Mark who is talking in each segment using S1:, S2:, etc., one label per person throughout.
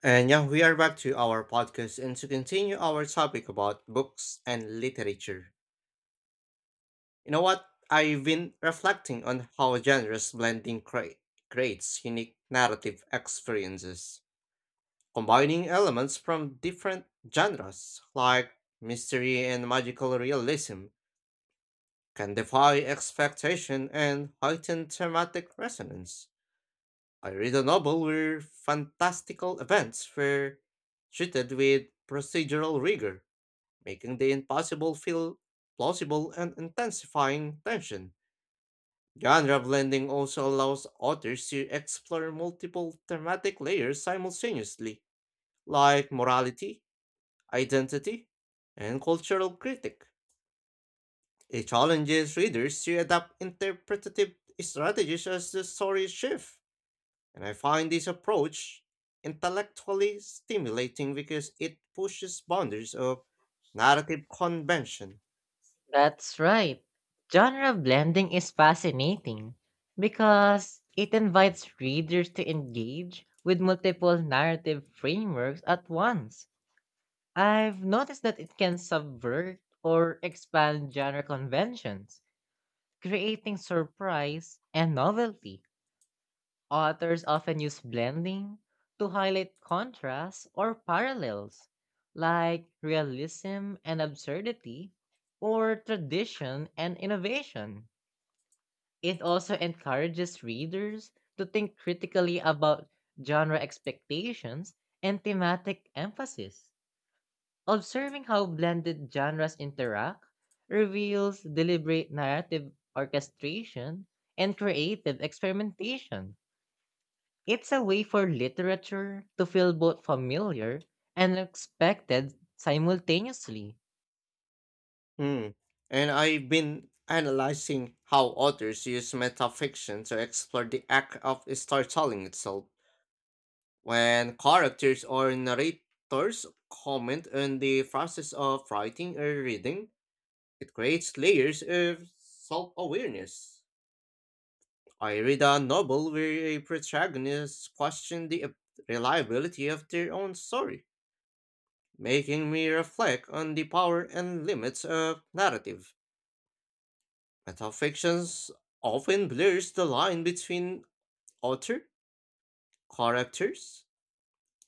S1: And yeah, we are back to our podcast and to continue our topic about books and literature. You know what? I've been reflecting on how genres creates unique narrative experiences, combining elements from different genres like mystery and magical realism can defy expectation and heighten thematic resonance. I read a novel where fantastical events were treated with procedural rigor, making the impossible feel plausible and intensifying tension. Genre blending also allows authors to explore multiple thematic layers simultaneously, like morality, identity, and cultural critique. It challenges readers to adapt interpretative strategies as the story shifts, and I find this approach intellectually stimulating because it pushes boundaries of narrative convention.
S2: That's right. Genre blending is fascinating because it invites readers to engage with multiple narrative frameworks at once. I've noticed that it can subvert or expand genre conventions, creating surprise and novelty. Authors often use blending to highlight contrasts or parallels, like realism and absurdity, or tradition and innovation. It also encourages readers to think critically about genre expectations and thematic emphasis. Observing how blended genres interact reveals deliberate narrative orchestration and creative experimentation. It's a way for literature to feel both familiar and unexpected simultaneously.
S1: Hmm. And I've been analyzing how authors use metafiction to explore the act of storytelling itself. When characters or narrators comment on the process of writing or reading, it creates layers of self awareness. I read a novel where a protagonist questioned the reliability of their own story, making me reflect on the power and limits of narrative. Metafictions often blurs the line between author, characters,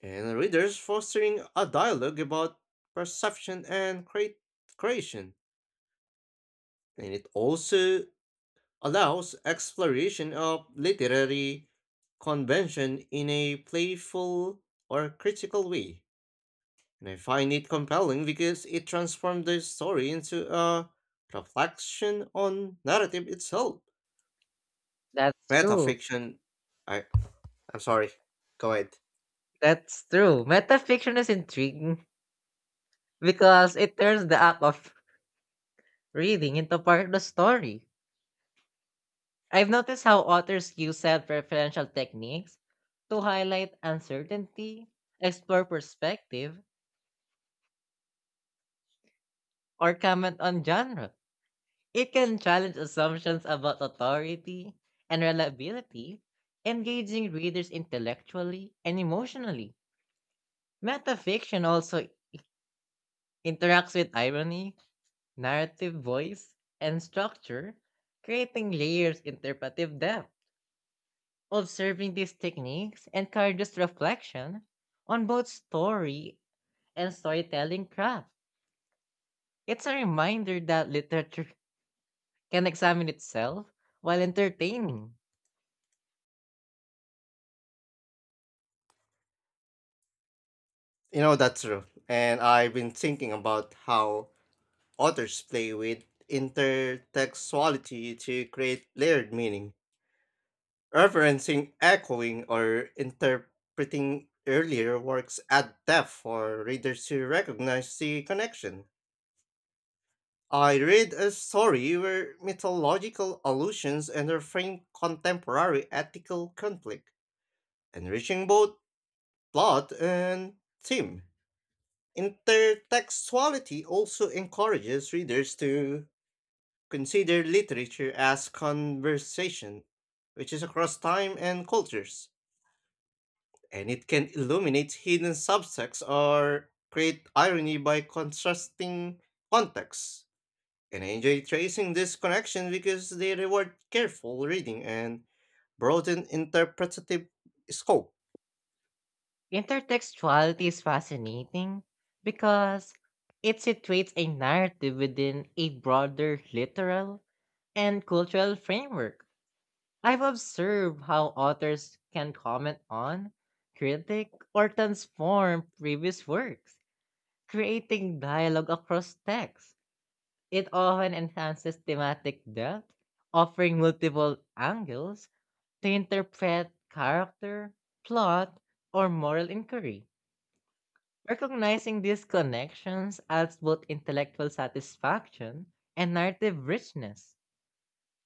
S1: and readers, fostering a dialogue about perception and creation. And it also allows exploration of literary convention in a playful or critical way. And I find it compelling because it transforms the story into a reflection on narrative itself.
S2: That's
S1: Breath of
S2: true.
S1: Fiction. I I'm sorry. Go ahead.
S2: That's true. Metafiction is intriguing because it turns the act of reading into part of the story. I've noticed how authors use self referential techniques to highlight uncertainty, explore perspective, or comment on genre. It can challenge assumptions about authority and reliability, engaging readers intellectually and emotionally. Metafiction also interacts with irony, narrative voice, and structure, creating layers interpretive depth. Observing these techniques encourages reflection on both story and storytelling craft. It's a reminder that literature can examine itself while entertaining.
S1: You know, that's true. And I've been thinking about how authors play with intertextuality to create layered meaning, referencing, echoing, or interpreting earlier works at depth for readers to recognize the connection. I read a story where mythological allusions and reframe contemporary ethical conflict, enriching both plot and theme. Intertextuality also encourages readers to consider literature as conversation, which is across time and cultures, and it can illuminate hidden subtexts or create irony by contrasting contexts. And I enjoy tracing this connection because they reward careful reading and broaden interpretative scope.
S2: Intertextuality is fascinating because it situates a narrative within a broader literal and cultural framework. I've observed how authors can comment on, critique, or transform previous works, creating dialogue across texts. It often enhances thematic depth, offering multiple angles to interpret character, plot, or moral inquiry. Recognizing these connections adds both intellectual satisfaction and narrative richness.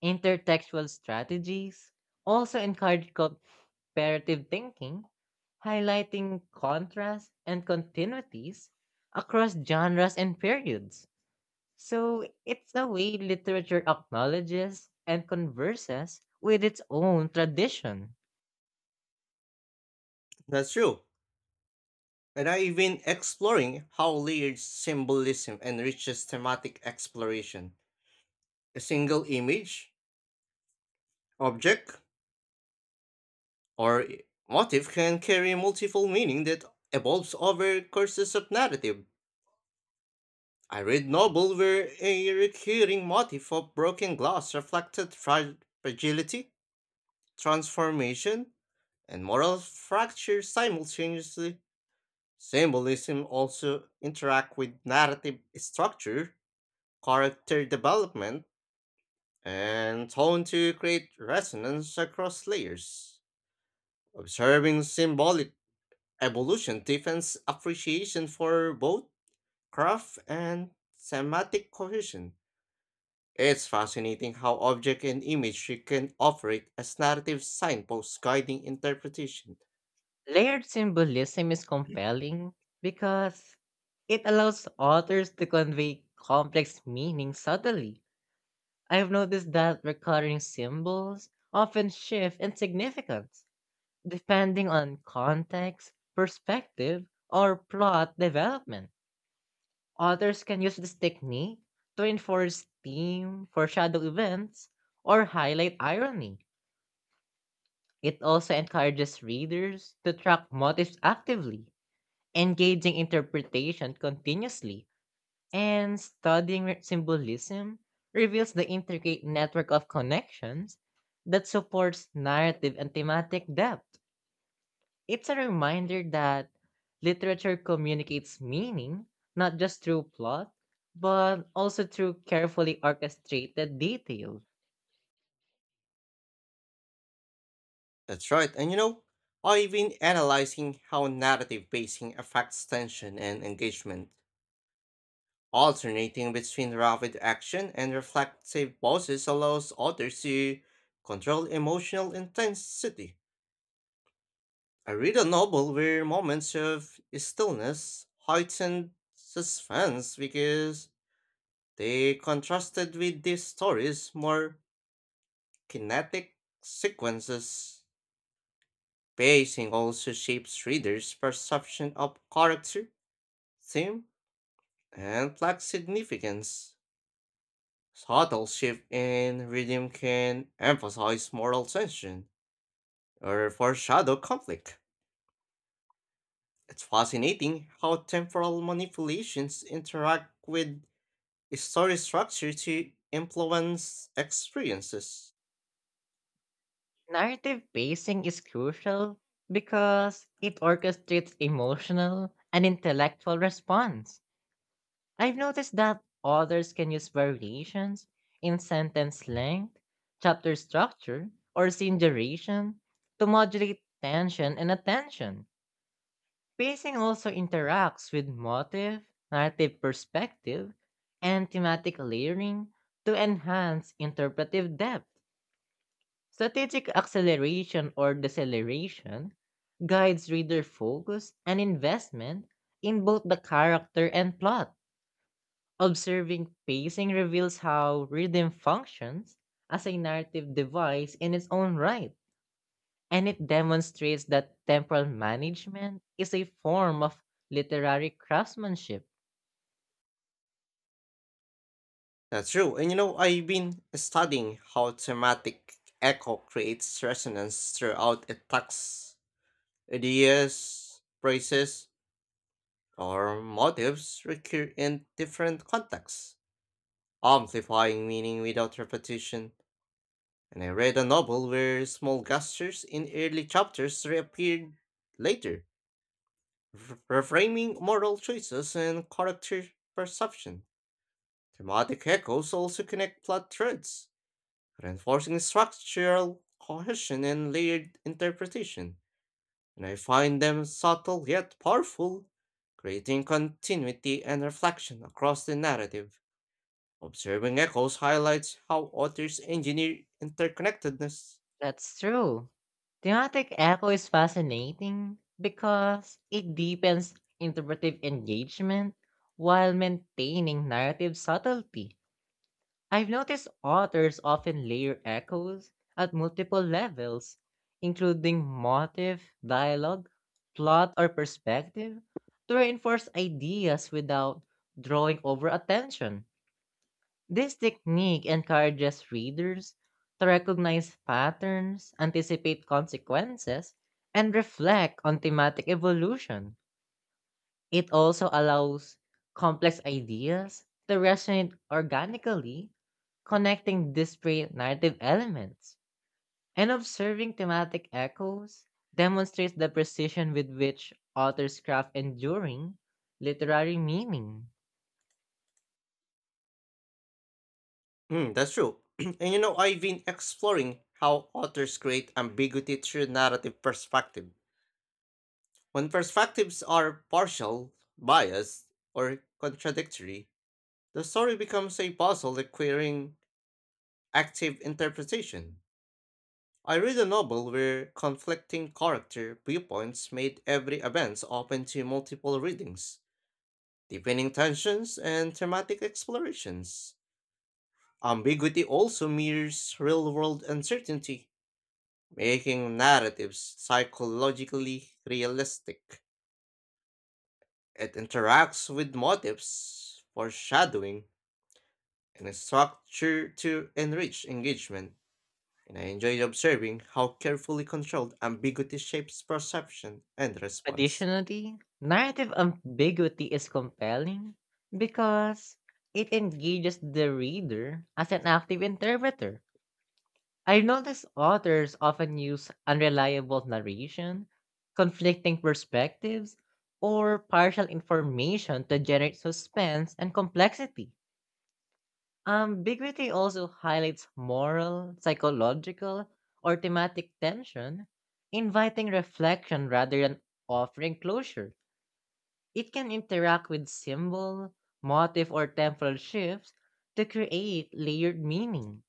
S2: Intertextual strategies also encourage comparative thinking, highlighting contrasts and continuities across genres and periods. So it's a way literature acknowledges and converses with its own tradition.
S1: That's true. And I've been exploring how layered symbolism enriches thematic exploration. A single image, object, or motif can carry multiple meaning that evolves over courses of narrative. I read novel where a recurring motif of broken glass reflected fragility, transformation, and moral fracture simultaneously. Symbolism also interact with narrative structure, character development, and tone to create resonance across layers. Observing symbolic evolution deepens appreciation for both craft and thematic cohesion. It's fascinating how object and imagery can operate as narrative signposts guiding interpretation.
S2: Layered symbolism is compelling because it allows authors to convey complex meanings subtly. I've noticed that recurring symbols often shift in significance depending on context, perspective, or plot development. Authors can use this technique to enforce theme, foreshadow events, or highlight irony. It also encourages readers to track motives actively, engaging interpretation continuously, and studying symbolism reveals the intricate network of connections that supports narrative and thematic depth. It's a reminder that literature communicates meaning not just through plot, but also through carefully orchestrated detail.
S1: That's right. And you know, I've been analyzing how narrative pacing affects tension and engagement. Alternating between rapid action and reflective pauses allows authors to control emotional intensity. I read a novel where moments of stillness heightened suspense because they contrasted with these stories more kinetic sequences. Pacing also shapes readers' perception of character, theme, and plot significance. Subtle shift in rhythm can emphasize moral tension or foreshadow conflict. It's fascinating how temporal manipulations interact with story structure to influence experiences.
S2: Narrative pacing is crucial because it orchestrates emotional and intellectual response. I've noticed that authors can use variations in sentence length, chapter structure, or scene duration to modulate tension and attention. Pacing also interacts with motive, narrative perspective, and thematic layering to enhance interpretive depth. Strategic acceleration or deceleration guides reader focus and investment in both the character and plot. Observing pacing reveals how rhythm functions as a narrative device in its own right, and it demonstrates that temporal management is a form of literary craftsmanship.
S1: That's true. And you know, I've been studying how thematic echo creates resonance throughout a text. Ideas, phrases, or motives recur in different contexts, amplifying meaning without repetition. And I read a novel where small gestures in early chapters reappeared later, reframing moral choices and character perception. Thematic echoes also connect plot threads, reinforcing structural cohesion and layered interpretation. And I find them subtle yet powerful, creating continuity and reflection across the narrative. Observing echoes highlights how authors engineer interconnectedness.
S2: That's true. Thematic echo is fascinating because it deepens interpretive engagement while maintaining narrative subtlety. I've noticed authors often layer echoes at multiple levels, including motive, dialogue, plot, or perspective, to reinforce ideas without drawing over attention. This technique encourages readers to recognize patterns, anticipate consequences, and reflect on thematic evolution. It also allows complex ideas to resonate organically, connecting disparate narrative elements, and observing thematic echoes demonstrates the precision with which authors craft enduring literary meaning.
S1: Mm, that's true. And you know, I've been exploring how authors create ambiguity through narrative perspective. When perspectives are partial, biased, or contradictory, the story becomes a puzzle requiring active interpretation. I read a novel where conflicting character viewpoints made every event open to multiple readings, deepening tensions and thematic explorations. Ambiguity also mirrors real world uncertainty, making narratives psychologically realistic. It interacts with motives, foreshadowing, and structure to enrich engagement, and I enjoyed observing how carefully controlled ambiguity shapes perception and response.
S2: Additionally, narrative ambiguity is compelling because it engages the reader as an active interpreter. I notice authors often use unreliable narration, conflicting perspectives, or partial information to generate suspense and complexity. Ambiguity also highlights moral, psychological, or thematic tension, inviting reflection rather than offering closure. It can interact with symbol, motif, or temporal shifts to create layered meaning.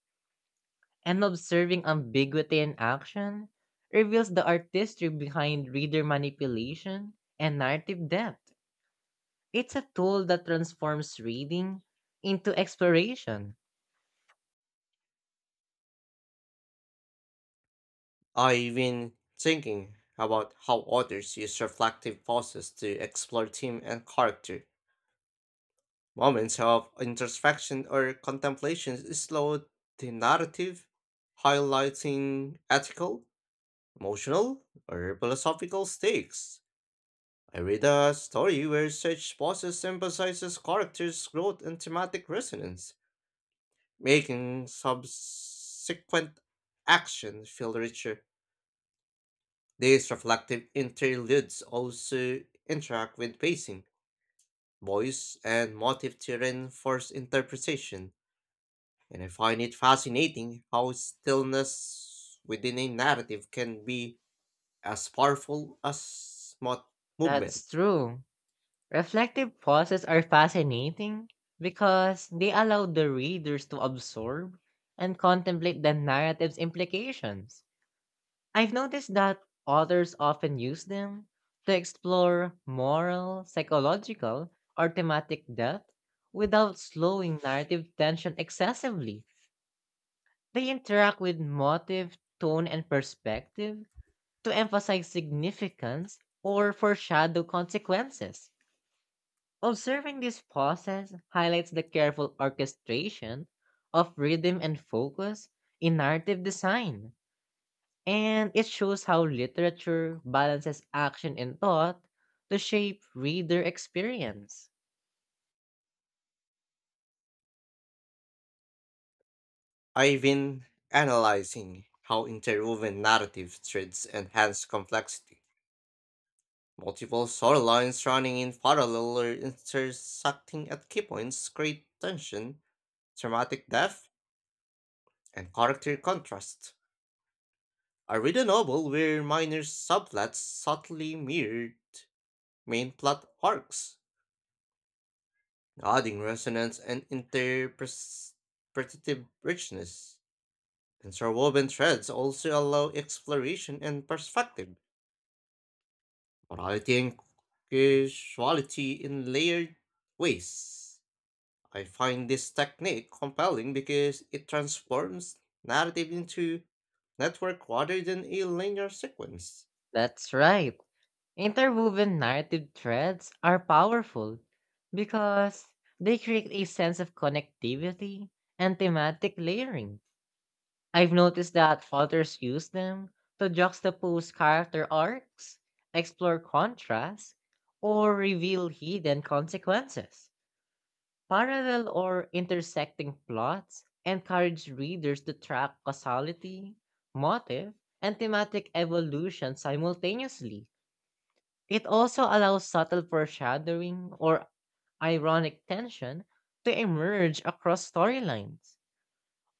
S2: And observing ambiguity in action reveals the artistry behind reader manipulation and narrative depth. It's a tool that transforms reading into exploration.
S1: I've been thinking about how authors use reflective pauses to explore theme and character. Moments of introspection or contemplation slow the narrative, highlighting ethical, emotional, or philosophical stakes. I read a story where such pauses emphasizes characters' growth and thematic resonance, making subsequent action feel richer. These reflective interludes also interact with pacing, voice, and motive to reinforce interpretation, and I find it fascinating how stillness within a narrative can be as powerful as movement.
S2: That's true. Reflective pauses are fascinating because they allow the readers to absorb and contemplate the narrative's implications. I've noticed that authors often use them to explore moral, psychological, or thematic depth without slowing narrative tension excessively. They interact with motive, tone, and perspective to emphasize significance or foreshadow consequences. Observing this process highlights the careful orchestration of rhythm and focus in narrative design. And it shows how literature balances action and thought to shape reader experience.
S1: I've been analyzing how interwoven narrative threads enhance complexity. Multiple storylines running in parallel or intersecting at key points create tension, dramatic depth, and character contrasts. I read a novel where minor subplots subtly mirrored main plot arcs, adding resonance and interpretative richness. Interwoven threads also allow exploration and perspective, variety and casuality in layered ways. I find this technique compelling because it transforms narrative into network rather than a linear sequence.
S2: That's right. Interwoven narrative threads are powerful because they create a sense of connectivity and thematic layering. I've noticed that authors use them to juxtapose character arcs, explore contrasts, or reveal hidden consequences. Parallel or intersecting plots encourage readers to track causality, motive, and thematic evolution simultaneously. It also allows subtle foreshadowing or ironic tension to emerge across storylines.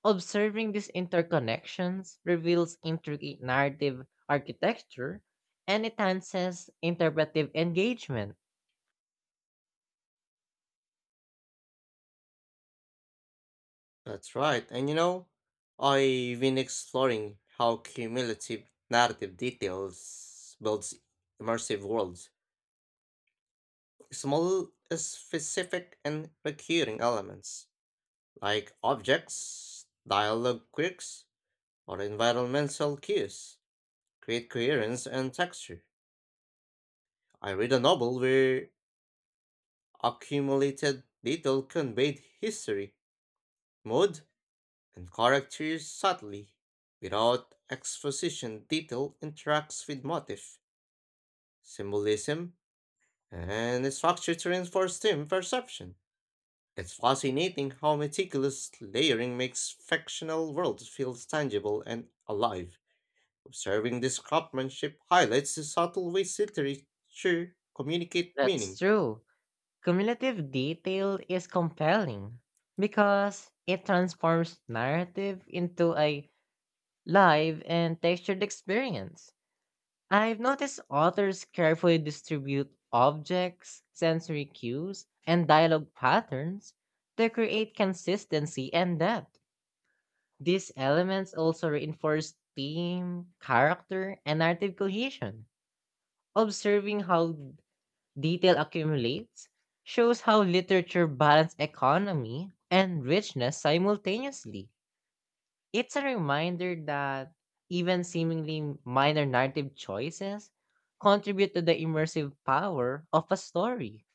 S2: Observing these interconnections reveals intricate narrative architecture and enhances interpretive engagement.
S1: That's right. And you know, I've been exploring how cumulative narrative details builds immersive worlds. Small, specific, and recurring elements like objects, dialogue quirks, or environmental cues create coherence and texture. I read a novel where accumulated detail conveyed history, mood, and characters subtly, without exposition detail interacts with motif, symbolism, and structure to reinforce theme perception. It's fascinating how meticulous layering makes fictional worlds feel tangible and alive. Observing this craftsmanship highlights the subtle ways literature communicate
S2: That's
S1: meaning.
S2: true. Cumulative detail is compelling because it transforms narrative into a live and textured experience. I've noticed authors carefully distribute objects, sensory cues, and dialogue patterns to create consistency and depth. These elements also reinforce theme, character, and narrative cohesion. Observing how detail accumulates shows how literature balanced economy and richness simultaneously. It's a reminder that even seemingly minor narrative choices contribute to the immersive power of a story.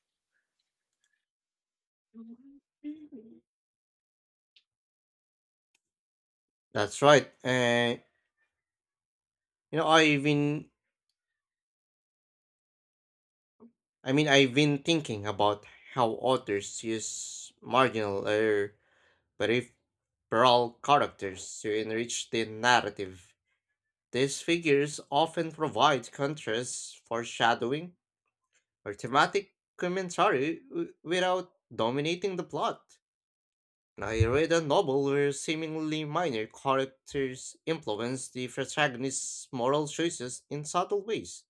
S1: That's right. You know, I've been thinking about how authors use marginal error peripheral characters to enrich the narrative. These figures often provide contrast, foreshadowing, or thematic commentary without dominating the plot. And I read a novel where seemingly minor characters influence the protagonist's moral choices in subtle ways.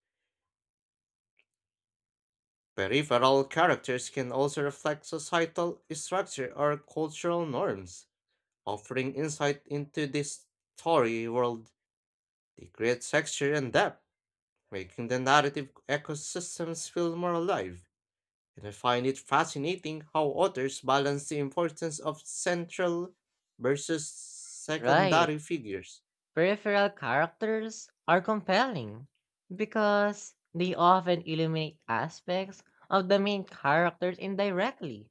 S1: Peripheral characters can also reflect societal structure or cultural norms, offering insight into the story world. They create texture and depth, making the narrative ecosystems feel more alive. And I find it fascinating how authors balance the importance of central versus
S2: Right.
S1: secondary figures.
S2: Peripheral characters are compelling because they often illuminate aspects of the main characters indirectly.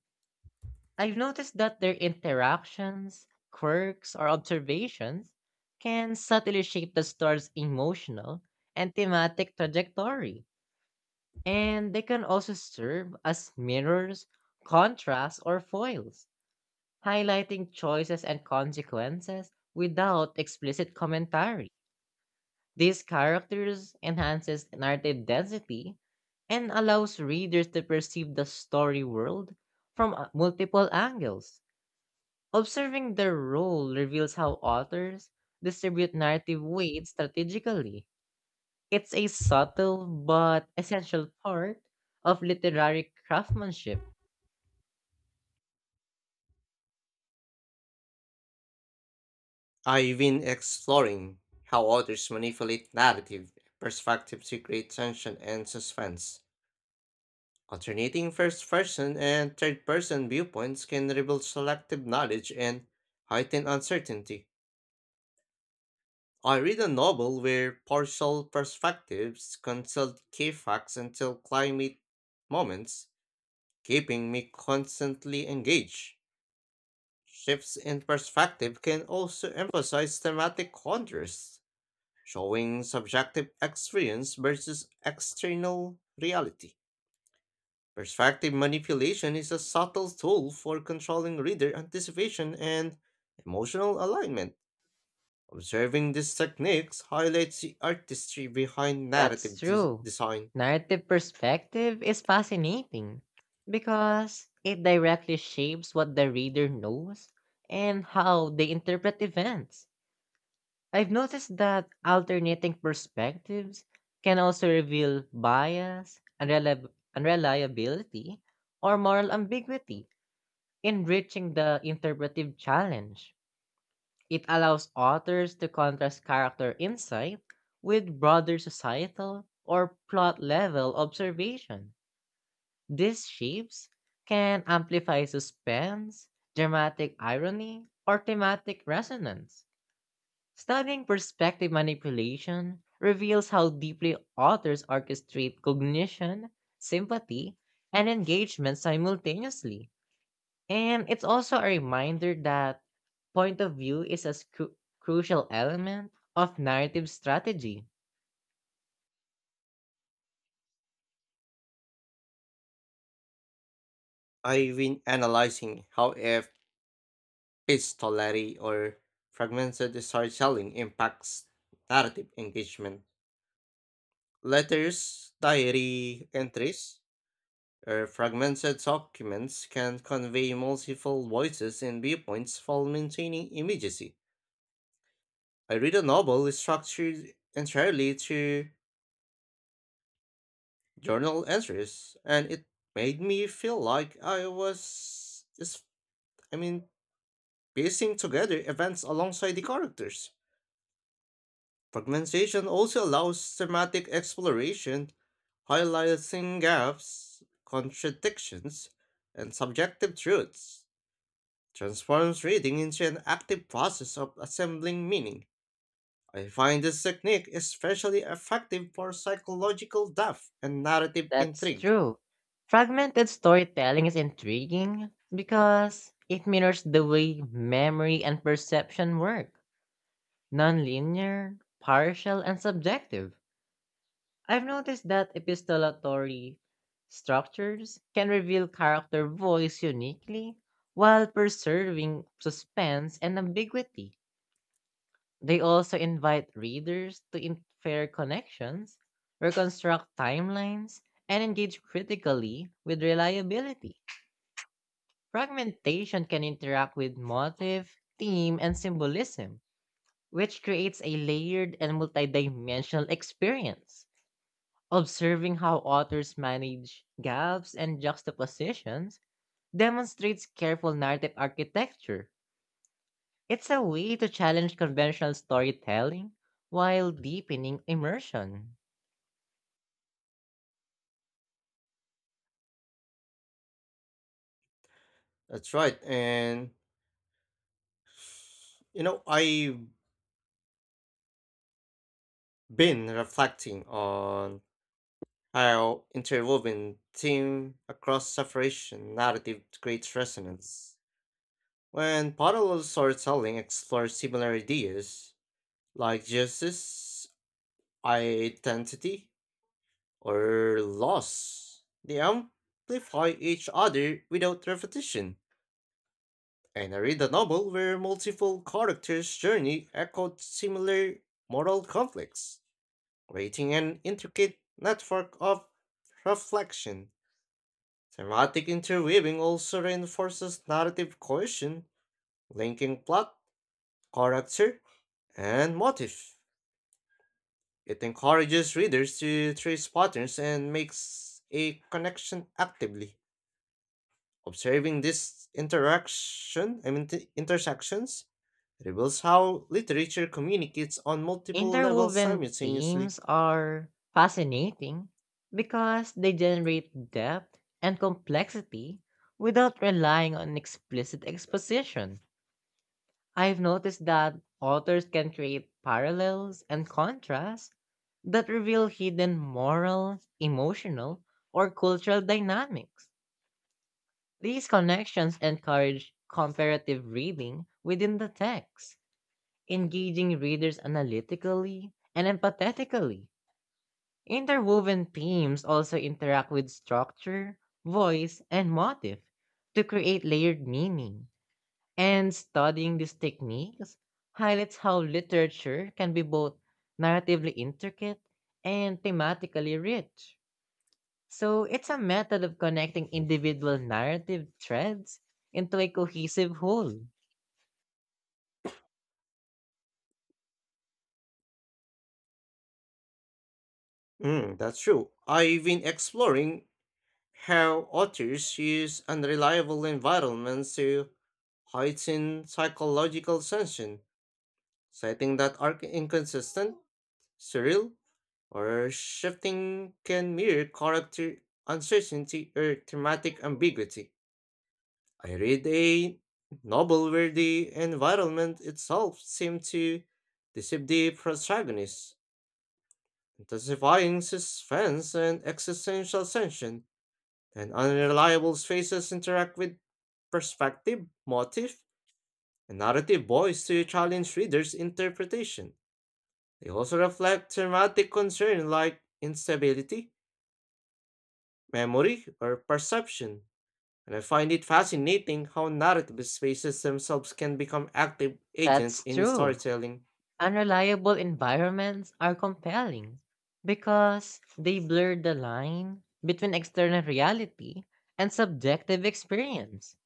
S2: I've noticed that their interactions, quirks, or observations can subtly shape the story's emotional and thematic trajectory, and they can also serve as mirrors, contrasts, or foils, highlighting choices and consequences without explicit commentary. These characters enhances narrative density and allows readers to perceive the story world from multiple angles. Observing their role reveals how authors distribute narrative weight strategically. It's a subtle but essential part of literary craftsmanship.
S1: I've been exploring how authors manipulate narrative perspectives to create tension and suspense. Alternating first person and third person viewpoints can reveal selective knowledge and heighten uncertainty. I read a novel where partial perspectives consult key facts until climate moments, keeping me constantly engaged. Shifts in perspective can also emphasize thematic contrasts, showing subjective experience versus external reality. Perspective manipulation is a subtle tool for controlling reader anticipation and emotional alignment. Observing these techniques highlights the artistry behind
S2: That's
S1: narrative
S2: true.
S1: design.
S2: Narrative perspective is fascinating because it directly shapes what the reader knows and how they interpret events. I've noticed that alternating perspectives can also reveal bias, unreliability, or moral ambiguity, enriching the interpretive challenge. It allows authors to contrast character insight with broader societal or plot level observation. These shapes can amplify suspense, dramatic irony, or thematic resonance. Studying perspective manipulation reveals how deeply authors orchestrate cognition, sympathy, and engagement simultaneously. And it's also a reminder that point of view is a crucial element of narrative strategy.
S1: I've been analyzing how epistolary or fragmented storytelling impacts narrative engagement. Letters, diary entries, or fragmented documents can convey multiple voices and viewpoints while maintaining immediacy. I read a novel structured entirely through journal entries, and it made me feel like I was just, I mean, piecing together events alongside the characters. Fragmentation also allows thematic exploration, highlighting gaps, contradictions, and subjective truths. Transforms reading into an active process of assembling meaning. I find this technique especially effective for psychological depth and narrative
S2: That's
S1: intrigue.
S2: true. Fragmented storytelling is intriguing because it mirrors the way memory and perception work, nonlinear, partial, and subjective. I've noticed that epistolatory structures can reveal character voice uniquely while preserving suspense and ambiguity. They also invite readers to infer connections, reconstruct timelines, and engage critically with reliability. Fragmentation can interact with motive, theme, and symbolism, which creates a layered and multidimensional experience. Observing how authors manage gaps and juxtapositions demonstrates careful narrative architecture. It's a way to challenge conventional storytelling while deepening immersion.
S1: That's right. And you know, I've been reflecting on how interwoven theme across separation narrative creates resonance. When parallel storytelling explores similar ideas, like justice, identity, or loss, they amplify each other without repetition. And I read a novel where multiple characters' journey echoed similar moral conflicts creating an intricate network of reflection. Thematic interweaving also reinforces narrative cohesion, linking plot, character, and motif. It encourages readers to trace patterns and makes a connection actively. Observing these interaction, I mean t- intersections, reveals how literature communicates on multiple levels
S2: Interwoven themes
S1: simultaneously.
S2: are fascinating because they generate depth and complexity without relying on explicit exposition. I've noticed that authors can create parallels and contrasts that reveal hidden moral, emotional, or cultural dynamics. These connections encourage comparative reading within the text, engaging readers analytically and empathetically. Interwoven themes also interact with structure, voice, and motif to create layered meaning. And studying these techniques highlights how literature can be both narratively intricate and thematically rich. So it's a method of connecting individual narrative threads into a cohesive whole.
S1: Mm, that's true. I've been exploring how authors use unreliable environments to heighten psychological tension, citing that arc inconsistent, surreal, or shifting can mirror character uncertainty or thematic ambiguity. I read a novel where the environment itself seemed to deceive the protagonist, intensifying suspense and existential tension. And unreliable spaces interact with perspective, motif, and narrative voice to challenge readers' interpretation. They also reflect thematic concerns like instability, memory, or perception. And I find it fascinating how narrative spaces themselves can become active agents
S2: That's
S1: in
S2: true.
S1: storytelling.
S2: Unreliable environments are compelling because they blur the line between external reality and subjective experience.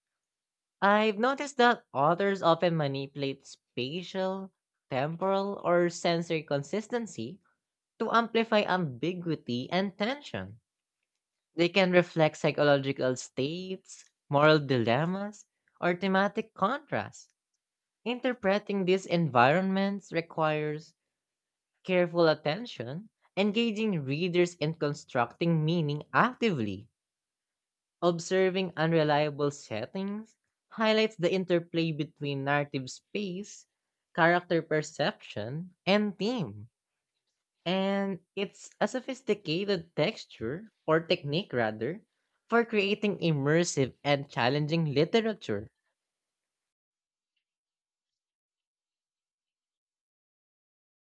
S2: I've noticed that authors often manipulate spatial, temporal, or sensory consistency to amplify ambiguity and tension. They can reflect psychological states, moral dilemmas, or thematic contrasts. Interpreting these environments requires careful attention, engaging readers in constructing meaning actively. Observing unreliable settings highlights the interplay between narrative space, character perception, and theme. And it's a sophisticated texture, or technique rather, for creating immersive and challenging literature.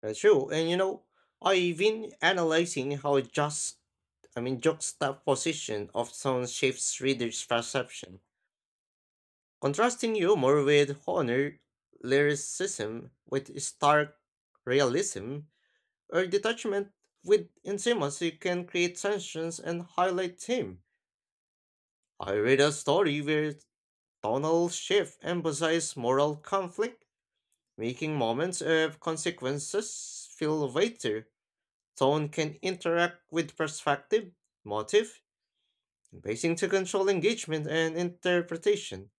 S1: That's true. And you know, I've been analyzing how just I mean juxtaposition of sound shapes readers' perception. Contrasting humor with honor lyricism with stark realism, or detachment with intimacy can create tensions and highlight theme. I read a story where tonal shift emphasized moral conflict, making moments of consequences feel weightier. Tone can interact with perspective, motive, basing to control engagement and interpretation.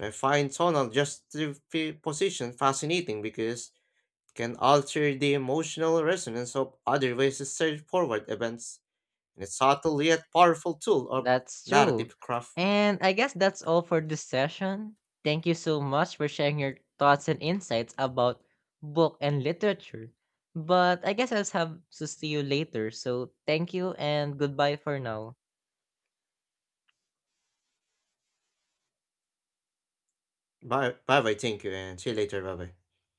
S1: I find tonal juxtaposition fascinating because it can alter the emotional resonance of otherwise straightforward events, and it's subtle yet powerful tool of
S2: That's true.
S1: narrative craft.
S2: And I guess that's all for this session. Thank you so much for sharing your thoughts and insights about book and literature. But I guess I'll have to see you later. So thank you and goodbye for now.
S1: Bye bye, bye thank you, and see you later. Bye bye.